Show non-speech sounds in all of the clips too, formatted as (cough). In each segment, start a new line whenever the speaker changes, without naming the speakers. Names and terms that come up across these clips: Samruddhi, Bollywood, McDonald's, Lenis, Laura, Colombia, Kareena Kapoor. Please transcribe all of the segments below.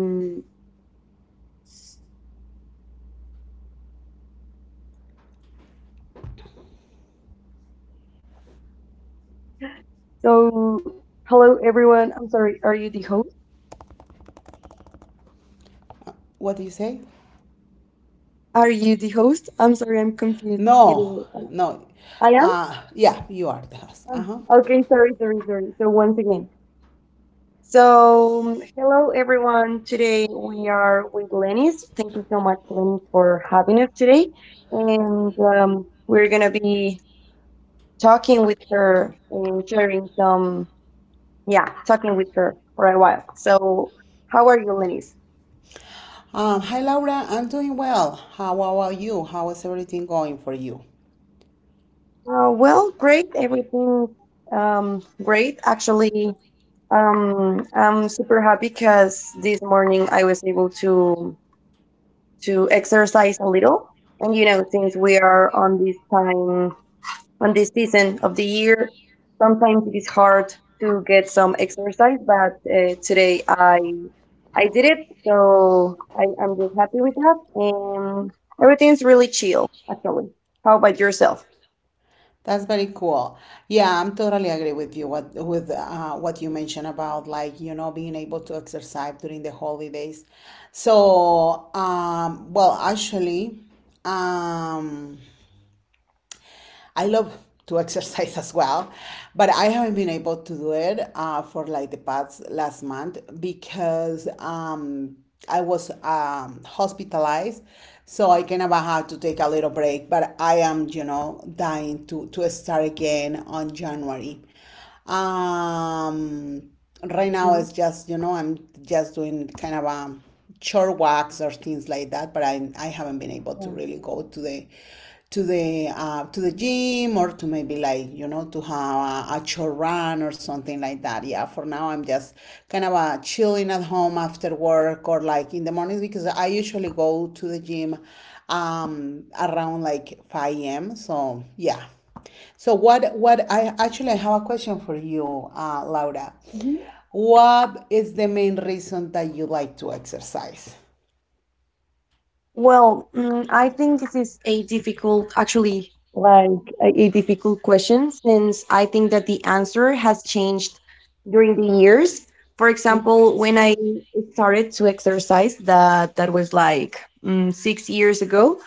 Um, so, hello everyone. I'm sorry. Are you the host?
What do you say?
Are you the host? I'm sorry. I'm confused. Either
No,
uh,
no.
I am.
Yeah, you are the host.
Ah,
Uh-huh.
okay. Sorry. Sorry. Sorry. So once again. So hello everyone. Today we are with Lenis. Thank you so much, Lenis, for having us today. And we're gonna be talking with her and sharing some. Yeah, talking with her for a while. So, how are you, Lenis?
Hi, Laura. I'm doing well. How about you? How is everything going for you?
Well, great. Everything great. Actually, I'm super happy because this morning I was able to exercise a little. And since we are on this time, on this season of the year, sometimes it is hard to get some exercise. But today I did it, so I'm just happy with that. And everything's really chill, actually. How about yourself?
That's very cool. Yeah, I'm totally agree with you. What you mentioned about like being able to exercise during the holidays. So, well, actually, um, I love to exercise as well, but I haven't been able to do it for like the past last month because I was hospitalized. So I kind of had to take a little break, but I am, dying to start again on January. Um, right
Mhm.
now it's just, I'm just doing kind of short walks or things like that. But I haven't been able to really go to the to the gym or to maybe like to have a short run or something like that. Yeah, for now I'm just kind of chilling at home after work or like in the mornings because I usually go to the gym around like 5 a.m. So yeah. So what I actually I have a question for you, Laura.
Mhm.
What is the main reason that you like to exercise?
Well, I think this is a difficult, actually, like a difficult question, since I think that the answer has changed during the years. For example, when I started to exercise, that was like 6 years ago.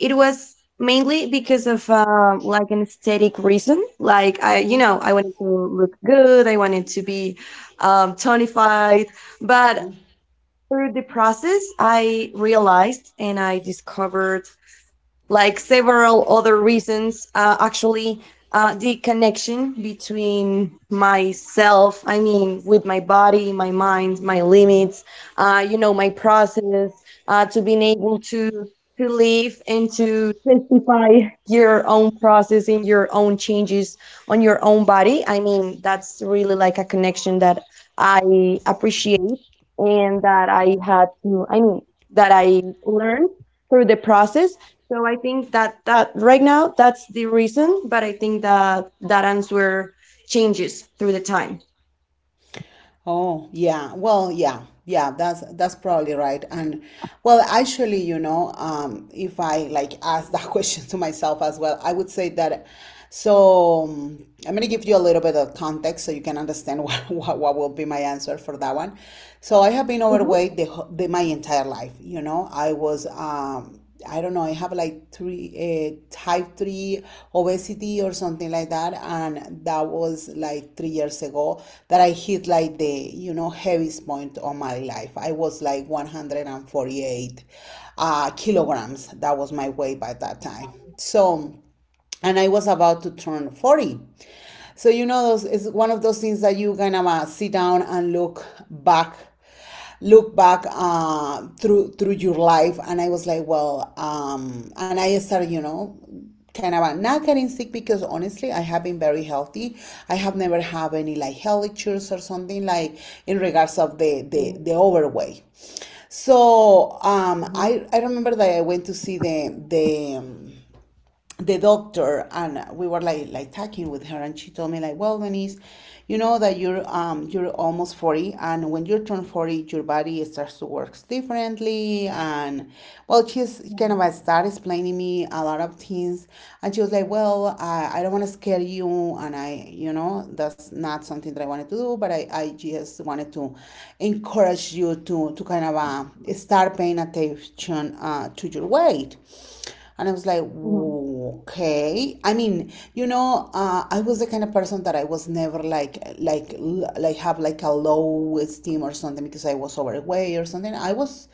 It was mainly because of like an aesthetic reason. Like I, you know,
Mm-hmm.
I wanted to look good. I wanted to be tonified, but through the process, I realized and I discovered like several other reasons, actually, the connection between myself, I mean, with my body, my mind, my limits, my process, to being able to live and to testify your own process and your own changes on your own body. I mean, that's really like a connection that I appreciate and that I had to, I mean, that I learned through the process. So I think that right now that's the reason, but I think that that answer changes through the time.
Oh, yeah. Well, yeah. Yeah, that's probably right. And well, actually, if I like ask that (laughs) question to myself as well, I would say that. So, I'm gonna give you a little bit of context so you can understand (laughs) what will be my answer for that one. So I have
Mhm.
been overweight the, wh- the my entire life. I don't know, I have like type 3 obesity or something like that. And that was like 3 years ago that I hit like the heaviest point of my life. I was like 148 kilograms. That was my weight by that time. So, and I was about to turn 40. So, it's one of those things that you kind of sit down and look back, through your life. And I was like, well, and I started, kind of not getting sick because honestly, I have been very healthy. I have never had any like health issues or something like in regards of the overweight. So, I remember that I went to see the doctor and we were like talking with her and she told me, like, well, Denise, you know that you're almost 40, and when you turn 40 your body starts to work differently, and well, she's kind of started explaining me a lot of things. And she was like, well, I don't want to scare you, and I you know that's not something that I wanted to do, but I just wanted to encourage you to kind of start paying attention to your weight. And I was like,
Mhm.
okay. I mean, I was the kind of person that I was never like have like a low esteem or something because I was overweight or something. I was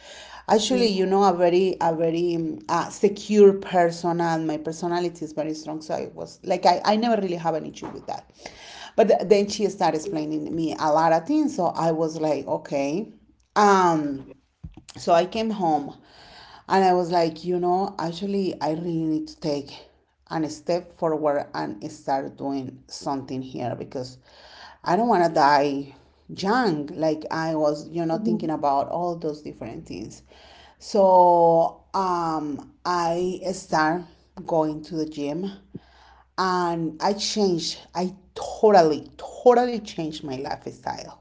Mhm.
actually, a very, secure person, and my personality is very strong. So I was like, I never really have an issue with that. But then she started explaining me a lot of things. So I was like, okay. Um, so, I came home and I was like, actually, I really need to take an step forward and start doing something here because I don't want to die young. Like I was, thinking
Mhm.
about all those different things. So, I start going to the gym, and I changed. I totally, totally changed my lifestyle,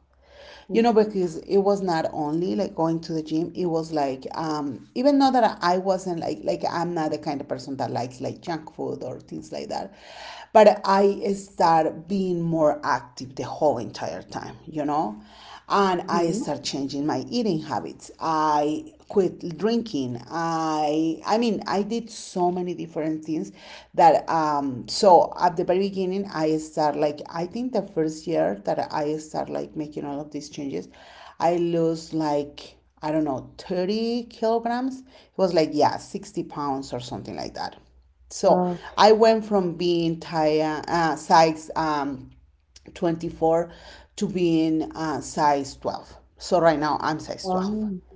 because it was not only like going to the gym, it was like even though that I wasn't like, I'm not the kind of person that likes like junk food or things like that, but I start being more active the whole entire time, and I start
Mhm.
changing my eating habits. I quit drinking. I mean I did so many different things. That um so at the very beginning, I start like, I think the first year that I start like making all of these changes, I lose like, I don't know, 30 kilograms. It was like, yeah, 60 pounds or something like that. So
Mhm.
I went from being Sykes 24 to being size 12. So right now I'm size 12.
Wow.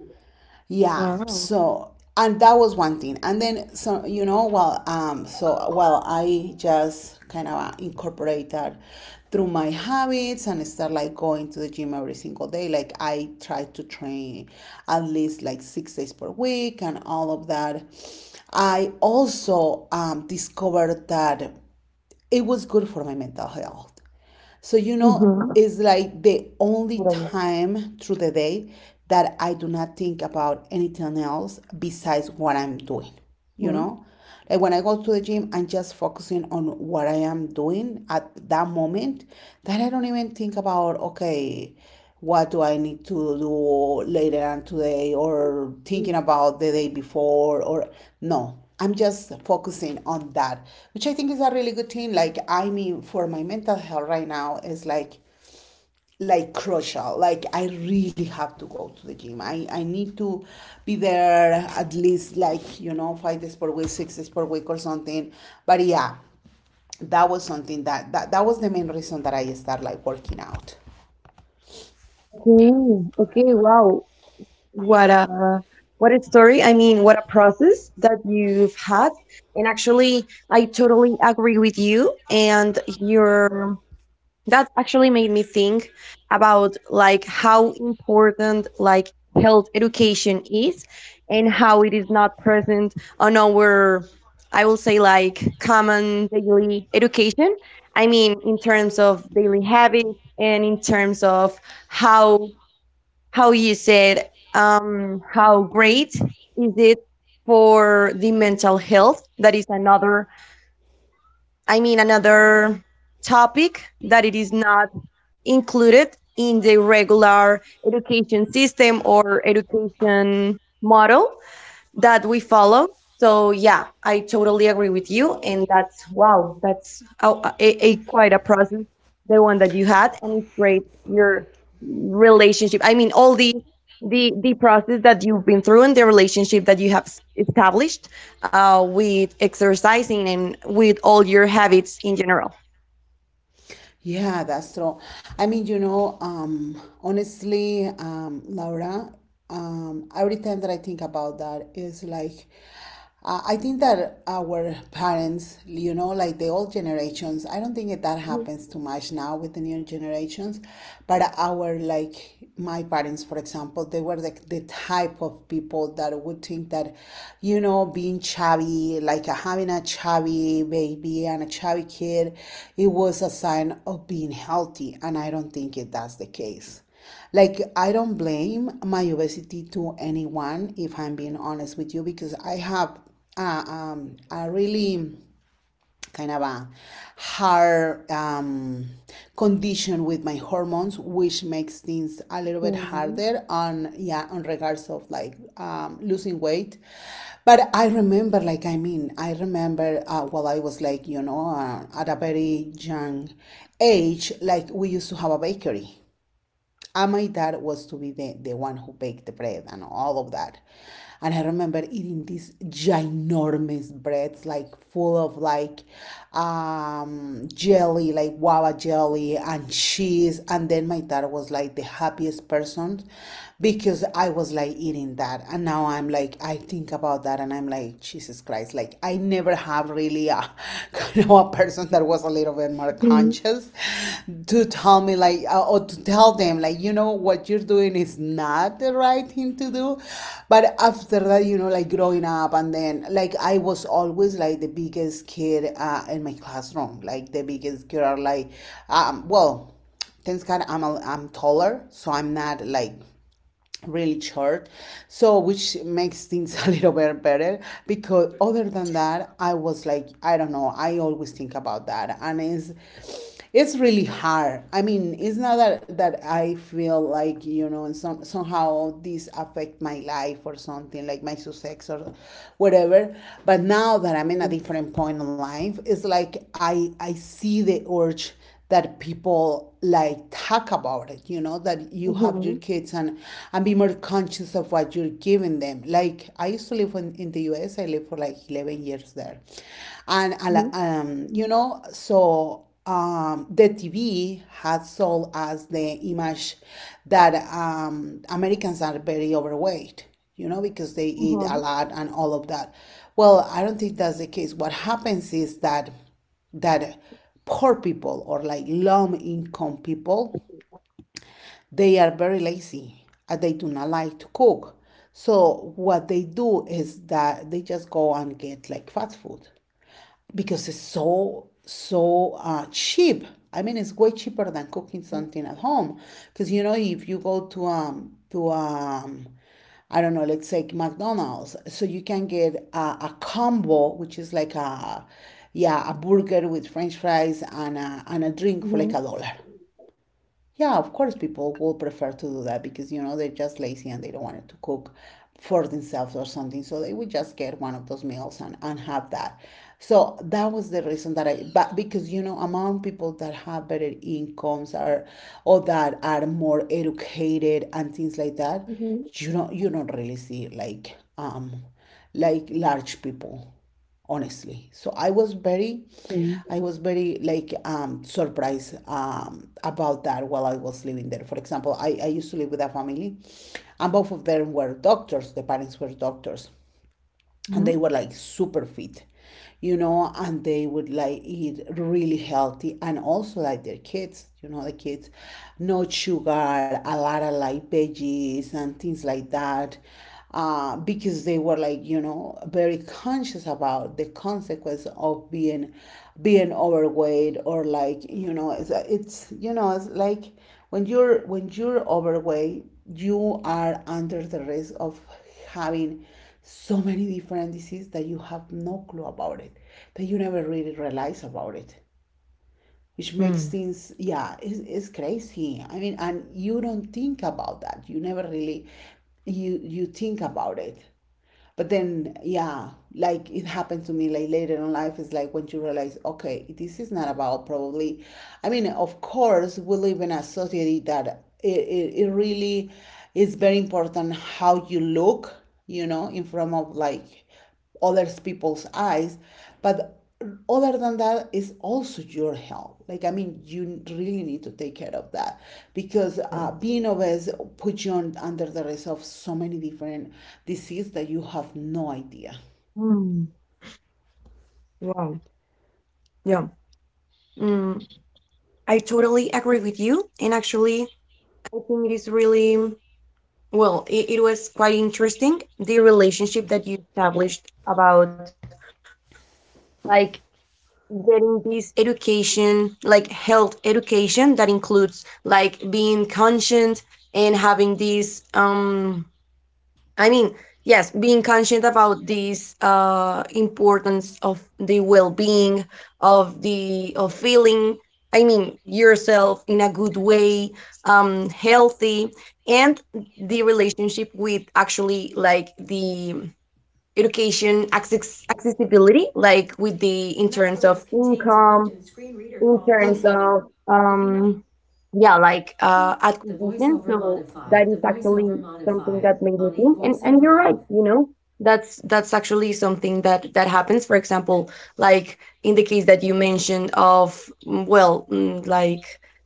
Yeah.
Wow.
So, and that was one thing. And then, well, I just kind of incorporate that through my habits and start like going to the gym every single day. Like I try to train at least like 6 days per week and all of that. I also discovered that it was good for my mental health. So, it's
Mm-hmm.
like the only
Wow.
time through the day that I do not think about anything else besides what I'm doing, you know?
Mhm.
Like when I go to the gym, I'm just focusing on what I am doing at that moment, that I don't even think about, okay, what do I need to do later on today, or thinking about the day before, or no. I'm just focusing on that, which I think is a really good thing. Like, I mean, for my mental health right now is like, crucial. Like, I really have to go to the gym. I need to be there at least like, 5 days per week, 6 days per week or something. But yeah, that was something that was the main reason that I started like working out.
Okay. Okay. Wow. What a story. I mean, what a process that you've had. And actually, I totally agree with you, and your that actually made me think about like how important like health education is, and how it is not present on our, I will say, like common daily education. I mean, in terms of daily habits and in terms of how, you said, how great is it for the mental health. That is another, I mean, another topic that it is not included in the regular education system or education model that we follow. So yeah, I totally agree with you, and that's wow, that's a quite a process, the one that you had, and it's great your relationship. I mean, all the process that you've been through and the relationship that you have established with exercising and with all your habits in general.
Yeah, that's true. I mean, honestly, Laura, every time that I think about that is like, I think that our parents, like the old generations, I don't think that that happens too much now with the new generations, but our like my parents, for example, they were the type of people that would think that, being chubby, like having a chubby baby and a chubby kid, it was a sign of being healthy. And I don't think it that's the case. Like, I don't blame my obesity to anyone, if I'm being honest with you, because I have a really kind of a hard condition with my hormones, which makes things a little bit
Okay.
harder on, yeah, on regards of like losing weight. But I remember, while I was like at a very young age, like we used to have a bakery, and my dad was to be
Mm-hmm.
the one who baked the bread and all of that. And I remember eating these ginormous breads, like full of like jelly, like guava jelly and cheese. And then my dad was like the happiest person because I was like eating that. And now I'm like, I think about that and I'm like, Jesus Christ, like I never have really really a (laughs) kind of a person that was a little bit more
Mhm.
conscious to tell me like or to tell them, like, you know what you're doing is not the right thing to do, but after that, like growing up and then like I was always like the biggest kid in my classroom, like the biggest girl, like well, thanks god, I'm I'm taller, so I'm not like really short, so which makes things (laughs) a little bit better because other than that I was like, I don't know, I always think about that, and it's really hard. I mean, it's not that, that I feel like, and somehow this affect my life or something, like my success or whatever. But now that I'm in a
Mhm.
different point in life, it's like I see the urge that people like talk about it, you know that you have your
Mhm.
kids and be more conscious of what you're giving them, like I used to live in the U. S. I lived for like 11 years there, and I li- you know so the TV has sold us the image that Americans are very overweight, because they eat a
Mhm.
lot and all of that. Well, I don't think that's the case. What happens is that that poor people or like low income people, they are very
Okay.
lazy and they do not like to cook. So what they do is that they just go and get like fast food because it's so cheap. I mean, it's way cheaper than
Yeah.
cooking something at home. Because you know, if you go to I don't know, let's say McDonald's, so you can get a combo, which is like a yeah a burger with French fries and a
Mhm.
drink for like a dollar. Yeah, of course, people will prefer to do that because, you know, they're just lazy and they don't want to cook for themselves or something. So they would just get one of those meals and have that. So that was the reason that I, but because, you know, among people that have better incomes are, or that are more educated and things like that,
Mhm.
you don't really see like large people honestly. So i was very
Mm.
i was very like um surprised about that while I was living there. For example, I used to live with a family, and both of them were doctors. The parents were doctors, and
Mhm.
they were like super fit, you know, and they would like eat really healthy, and also like their kids, you know, the kids, no sugar, a lot of like veggies and things like that, because they were like, you know, very conscious about the consequence of being overweight. Or like, you know, it's you know, it's like when you're overweight, you are under the risk of having so many different diseases that you have no clue about it, that you never really realize about it, which makes
Mm.
things, yeah, it's crazy. I mean, and you don't think about that. You never really, you think about it. But then, yeah, like it happened to me like later in life. It's like when you realize, okay, this is not about probably, I mean, of course, we live in a society that it really is very important how you look, you know, in front of like other people's eyes. But other than that is also your health. Like, I mean, you really need to take care of that because
Yes.
being obese puts you on, under the risk of so many different diseases that you have no idea.
Mm. Wow. Yeah. Mm. I totally agree with you. And actually, I think it is really well, it was quite interesting, the relationship that you established about like getting this education, like health education that includes like being conscient and having this I mean, yes, being conscious about this importance of the well-being, of feeling, I mean, yourself in a good way, healthy, and the relationship with actually like the education accessibility, like with the, in terms of income, in terms of um yeah, like
The
acquisition,
voiceover
so that
modifier. The
is actually
voiceover
something that
modifier.
made me
On eat
think, and
voiceover
you're right,
off.
that's actually something that happens, for example, like in the case that you mentioned of well, like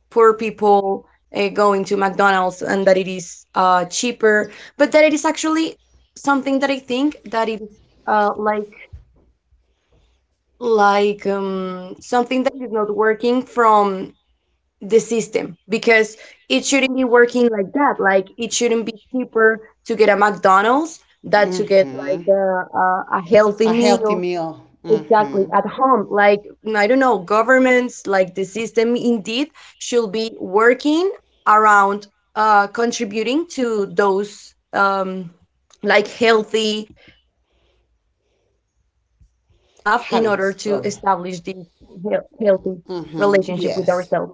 poor people, going to McDonald's, and that it is cheaper. But that it is actually something that I think that it is, like, something that is not working from the system, because it shouldn't be working like that. Like, it shouldn't be cheaper to get a McDonald's than to get
Hmm.
like a healthy
A healthy
meal,
meal.
exactly,
Hmm.
at home. Like, I don't know, governments, like, the system indeed should be working around, contributing to those, like, healthy, everything that we need to have in order to
Habits
establish the
problem.
healthy relationship with ourselves.
Yes.
Yeah.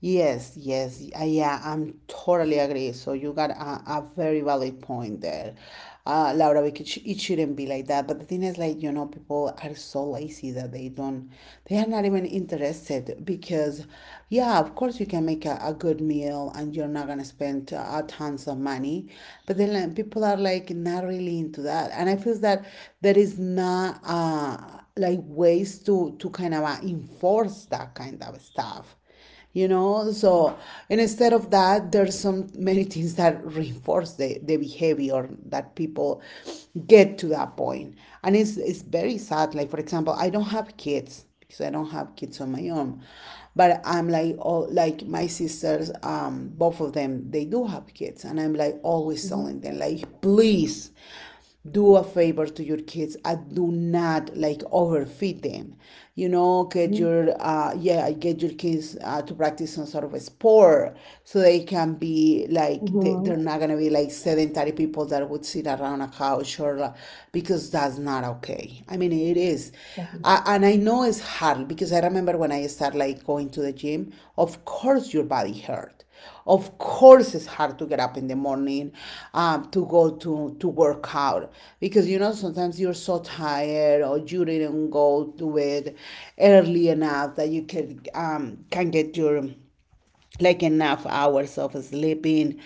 Yes, I'm totally agree. So you got a very valid point there, Laura. Because it shouldn't be like that. But the thing is, like, you know, people are so lazy that they are not even interested. Because, yeah, of course you can make a good meal and you're not gonna spend tons of money, but then like, people are like not really into that. And I feel that there is not like ways to kind of enforce that kind of stuff, you know. So, and instead of that, there's some many things that reinforce the behavior that people get to that point. And it's very sad. Like, for example, I don't have kids on my own, but I'm like all like my sisters, both of them, they do have kids, and I'm like always
Mhm,
telling them, like, please do a favor to your kids and do not like overfeed them, you know.
mhm,
Get your yeah get your kids to practice some sort of a sport so they can be like
mhm.
they're not gonna be like sedentary people that would sit around a couch or because that's not okay. I mean, it is
Okay.
and I know it's hard because I remember when I started like going to the gym, of course your body hurt. Of course it's hard to get up in the morning, to go to work out, because, you know, sometimes you're so tired or you didn't go to it early enough that you could can get your like enough hours of sleeping.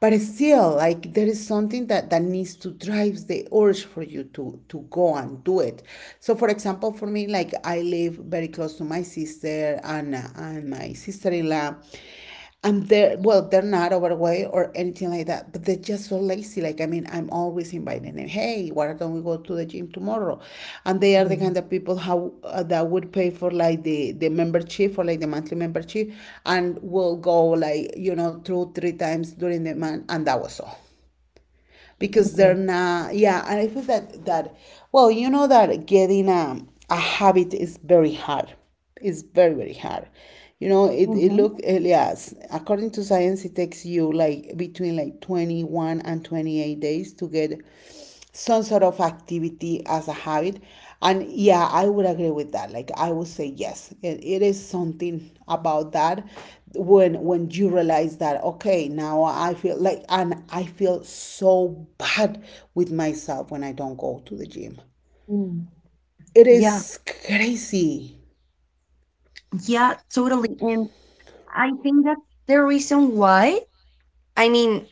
But still, like, there is something that needs to drive the urge for you to go and do it. So, for example, for me, like, I live very close to my sister and my sister-in-law, and they're, well, they're not overweight or anything like that, but they're just so lazy. Like, I mean, I'm always inviting them, hey, why don't we go to the gym tomorrow? And they are the
Mm.
kind of people how that would pay for like the membership for like the monthly membership and will go, like, you know, two three times during the month, and that was all.
Okay.
Because they're not, yeah, and I feel that that, well, you know, that getting a habit is very hard. It's very hard. You know,
Mhm.
yes, according to science, it takes you like between like 21 and 28 days to get some sort of activity as a habit. And yeah, I would agree with that. Like, I would say, yes, it is something about that, when you realize that, okay, now I feel like, and I feel so bad with myself when I don't go to the gym.
Mm.
It
Yeah,
is crazy.
yeah, totally. And I think that's the reason why, I mean,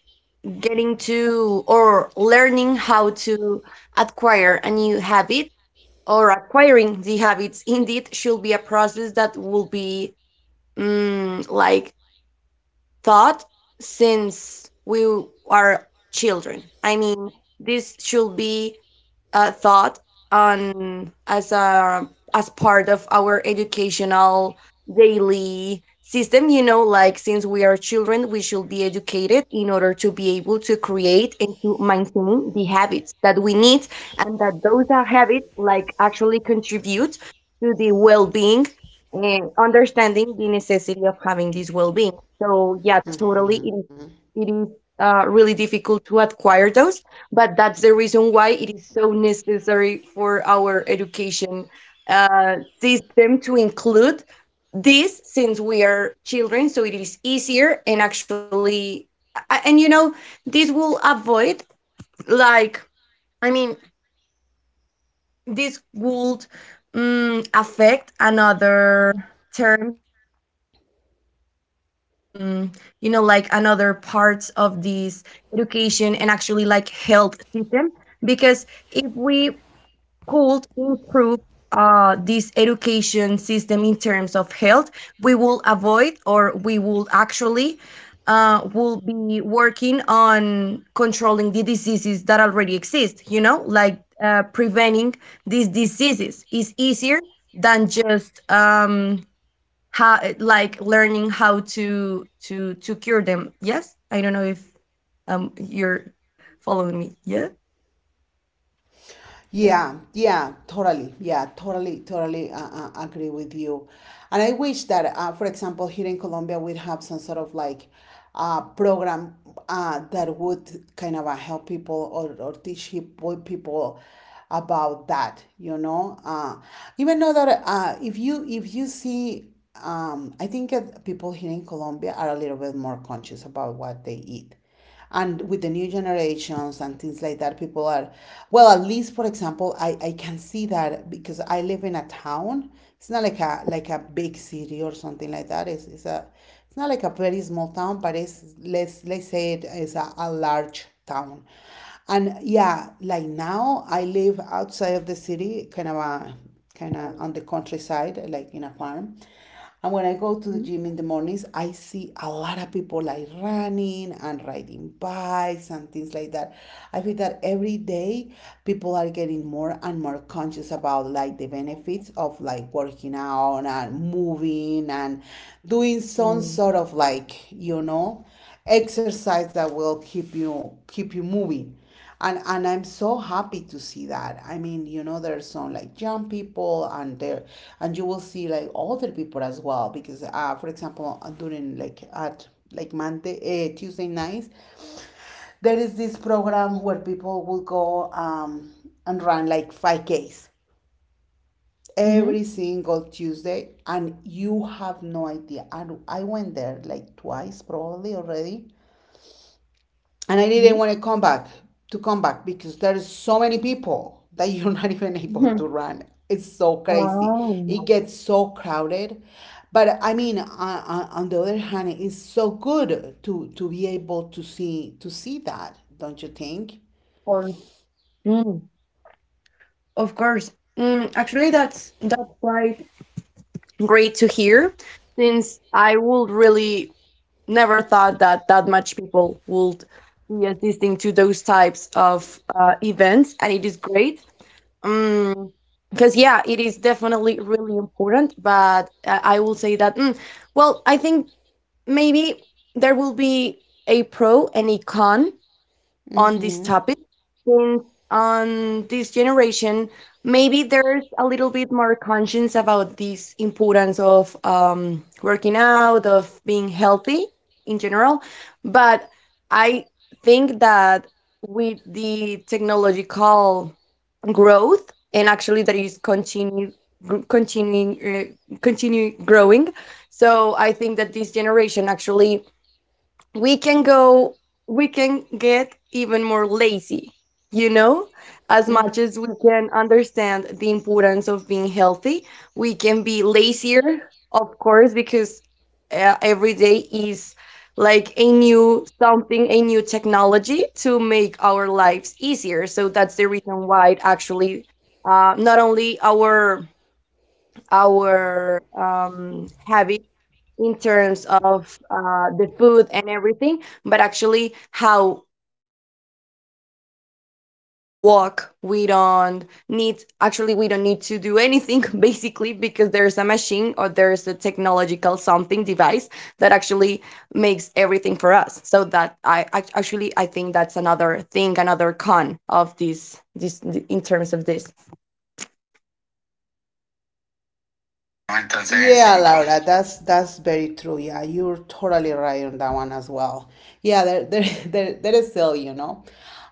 getting to, or learning how to acquire a new habit, or acquiring the habits indeed should be a process that will be, like, taught since we are children. I mean, this should be thought on as a as part of our educational daily system. You know, like, since we are children, we should be educated in order to be able to create and to maintain the habits that we need, and that those are habits like actually contribute to the well-being, and understanding the necessity of having this well-being. So yeah, totally, it is, it is really difficult to acquire those, but that's the reason why it is so necessary for our education system to include this since we are children, so it is easier. And actually, and this will avoid, like, I mean, this would, affect another term or another, mm, like, another parts of this education and actually like health system, because if we could improve this education system in terms of health, we will avoid, or we will actually, will be working on controlling the diseases that already exist. You know, like, preventing these diseases is easier than just, how, like, learning how to cure them. Yes, I don't know if you're following me. Yeah.
Yeah, totally. Yeah, totally, agree with you. And I wish that, for example, here in Colombia, we'd have some sort of like program that would kind of help people or teach boy people about that, you know? Even though that if you see, I think that people here in Colombia are a little bit more conscious about what they eat, and with the new generations and things like that, people are, well, at least for example, I can see that because I live in a town. It's not like a big city or something like that. It's a, it's not like a very small town, but it's, let's say it is a large town. And yeah, like, now I live outside of the city, kind of a, kind of on the countryside, like in a farm. And when I go to the gym in the mornings, I see a lot of people like running and riding bikes and things like that. I feel that every day people are getting more and more conscious about like the benefits of like working out and moving and doing some sort of like, you know, exercise that will keep you moving. And I'm so happy to see that. I mean, you know, there's some like young people and there, and you will see like older people as well. Because for example, during like at like Monday, Tuesday nights, there is this program where people will go, and run like 5Ks
Mm-hmm.
every single Tuesday. And you have no idea. And I went there like twice probably already, and I didn't want to come back because there is so many people that you're not even (laughs)
Hmm.
able to run. It's so crazy.
Wow.
It gets so crowded. But I mean, on the other hand, it's so good to be able to see that, don't you think?
Or, mm, of course. Actually, that's quite great to hear, since I would really never thought that that much people would be assisting to those types of events, and it is great. Um, because yeah, it is definitely really important. But I will say that, well, I think maybe there will be a pro and a con on this
Mm-hmm.
topic, since on this generation maybe there's a little bit more conscience about this importance of, working out, of being healthy in general. But I think that with the technological growth, and actually that is continue continuing, continue growing, so I think that this generation actually, we can go we can get even more lazy, you know as much as we can understand the importance of being healthy, we can be lazier, of course, because every day is like a new, technology to make our lives easier. So that's the reason why it actually, not only our, our habit in terms of the food and everything, but actually how we actually, we don't walk, we don't need to do anything (laughs) basically, because there's a machine or there's a technological something device that actually makes everything for us. So that I, actually, I think that's another thing, another con of this in terms of this.
Entonces, yeah, sí, pues, Laura, that's very true. Yeah, you're totally right on that one as well. Yeah, there (laughs) there is still, you know.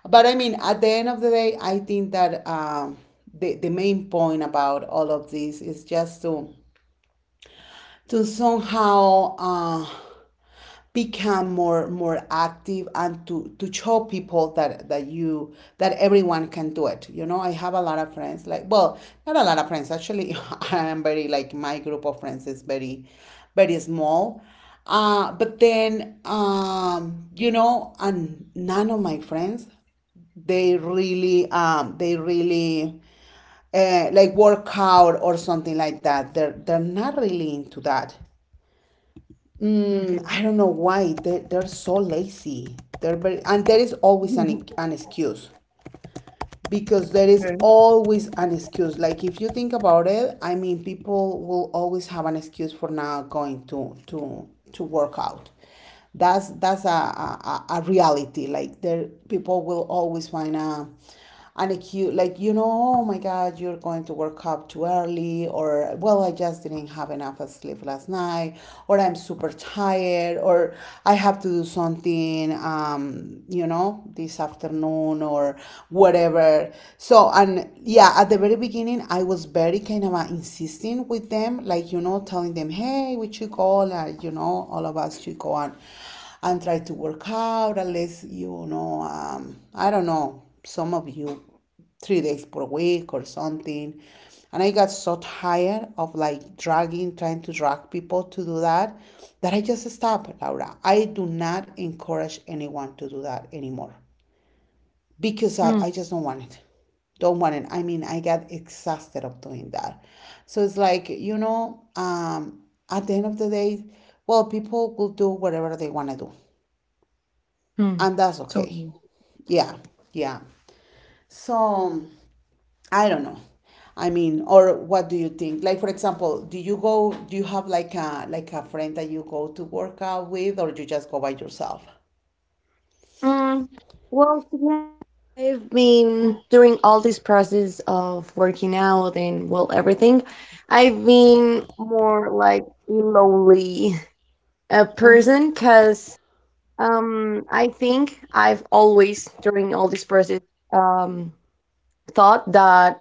But I mean, at the end of the day, I think that the main point about all of this is just to somehow become more active and to show people that that you that everyone can do it, you know. I have a lot of friends, like, well, not a lot of friends, actually, (laughs) I am very like my group of friends is very small. But then you know, and none of my friends, they really like work out or something like that. They're not really into that. Mm, I
Okay.
don't know why they're so lazy. They're very, and there is always
(laughs)
an excuse, because there is
okay.
always an excuse. Like, if you think about it, I mean, people will always have an excuse for not going to to work out. That's a a reality. Like, there, people will always find a an excuse. Like, you know, oh my God, you're going to work out too early, or, well, I just didn't have enough sleep last night, or I'm super tired, or I have to do something, you know, this afternoon, or whatever. So, and yeah, at the very beginning, I was very kind of insisting with them, like, you know, telling them, hey, we should go, like, you know, all of us should go and try to work out, unless, you know, I don't know, some of you 3 days per week or something. And I got so tired of like dragging, trying to drag people to do that, that I just stopped, Laura. I do not encourage anyone to do that anymore because I just don't want it.
Mm,
Don't want it. I mean, I got exhausted of doing that. So it's like, you know, at the end of the day, well, people will do whatever they want to do. And that's okay.
mm. So,
Yeah. Yeah. So I don't know. I mean, or what do you think? Like, for example, do you go, do you have like like a friend that you go to work out with, or you just go by yourself?
Um, well, to I've been during all this process of working out and, well, everything, I've been more like a lonely
Uh,
person, because I think I've always, during all this process, um thought that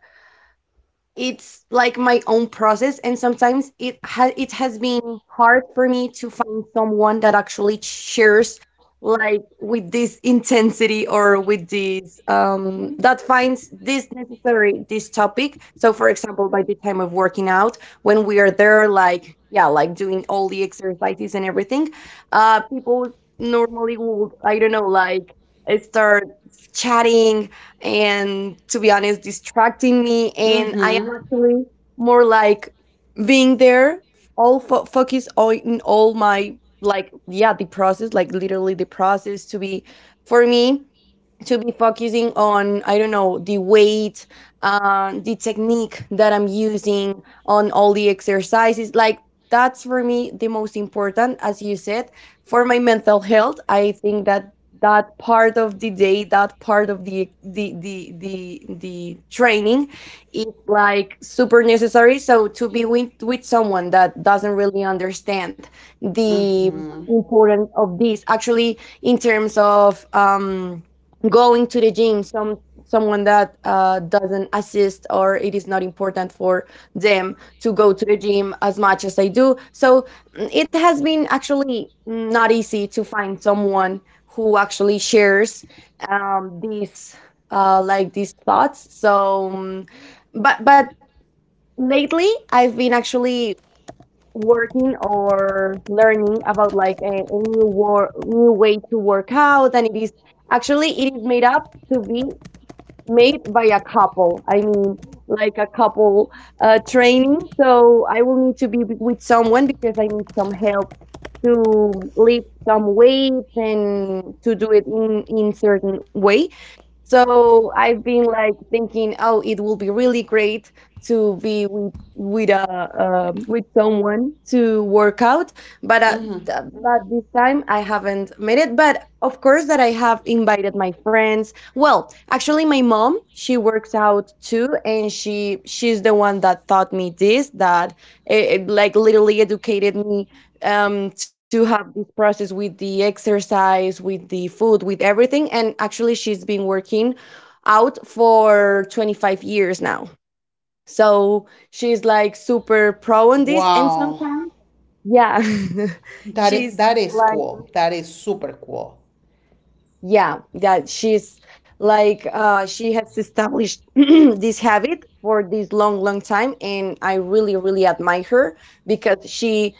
it's like my own process, and sometimes it has been hard for me to find someone that actually shares, like, with this intensity, or with this, that finds this necessary, this topic. So for example, by the time of working out, when we are there, like, yeah, like, doing all the exercises and everything, people normally would, I don't know, like, start chatting, and, to be honest, distracting me. And I
Mm-hmm.
am actually more like being there, all focus, all in all my, like, yeah, the process, like, literally, the process to be, for me, to be focusing on, I don't know, the weight, the technique that I'm using on all the exercises. Like, that's for me the most important. As you said, for my mental health, I think that that part of the day, that part of the training is like super necessary. So to be with someone that doesn't really understand the
Mm-hmm.
importance of this, actually, in terms of going to the gym, someone that doesn't assist, or it is not important for them to go to the gym as much as I do. So, it has been actually not easy to find someone who actually shares, these, like, these thoughts. So, but lately I've been actually working or learning about, like, a new war new way to work out, and it is actually, it is made up to be made by a couple. I mean, like, a couple, training, so I will need to be with someone because I need some help to lift some weights and to do it in certain way. So I've been like thinking, oh, it will be really great to be with someone to work out. But
Mm-hmm.
but this time I haven't made it. But of course that I have invited my friends. Well, actually, my mom, she works out too, and she's the one that taught me this, that it, like, literally educated me, to have this process with the exercise, with the food, with everything. And actually, she's been working out for 25 years now. So she's like super pro on this. And
Wow.
sometimes, yeah, (laughs) she's
That is
like,
cool. That is super cool.
yeah, that she's like, she has established (clears throat) this habit for this long, long time. And I really, really admire her because she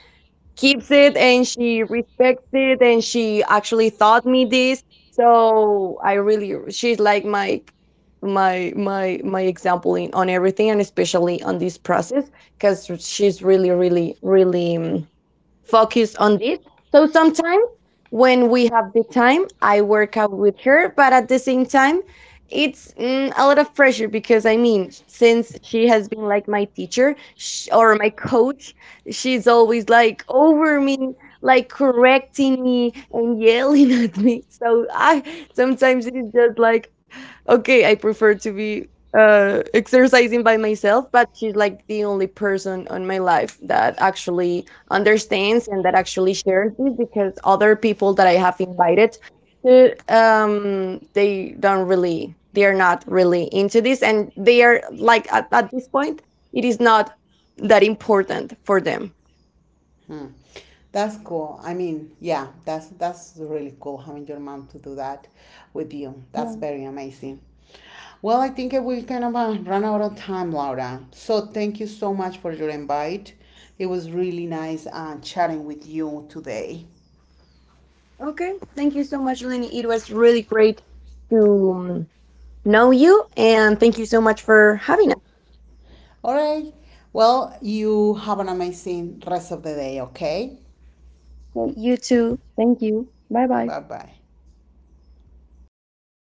keeps it and she respects it and she actually taught me this. So I really, she's like my example, on everything, and especially on this process, because she's really, really, really, focus on this. So sometimes when we have the time, I work out with her, but at the same time, it's, a lot of pressure, because I mean, since she has been like my teacher, or my coach, she's always like over me, like correcting me and yelling (laughs) at me. So I, sometimes it is just like, okay, I prefer to be exercising by myself. But she's like the only person on my life that actually understands and that actually shares it, because other people that I have invited to, they don't really, they are not really into this, and they are like at this point it is not that important for them.
Hmm. That's cool. I mean, yeah, that's really cool having your mom to do that with you. That's
Yeah.
very amazing. Well, I think we kind of run out of time, Laura. So thank you so much for your invite. It was really nice chatting with you today.
Okay. Thank you so much, Lenny. It was really great to, know you, and thank you so much for having us.
All right. Well, you have an amazing rest of the day, okay?
You too. Thank you. Bye bye.
Bye bye.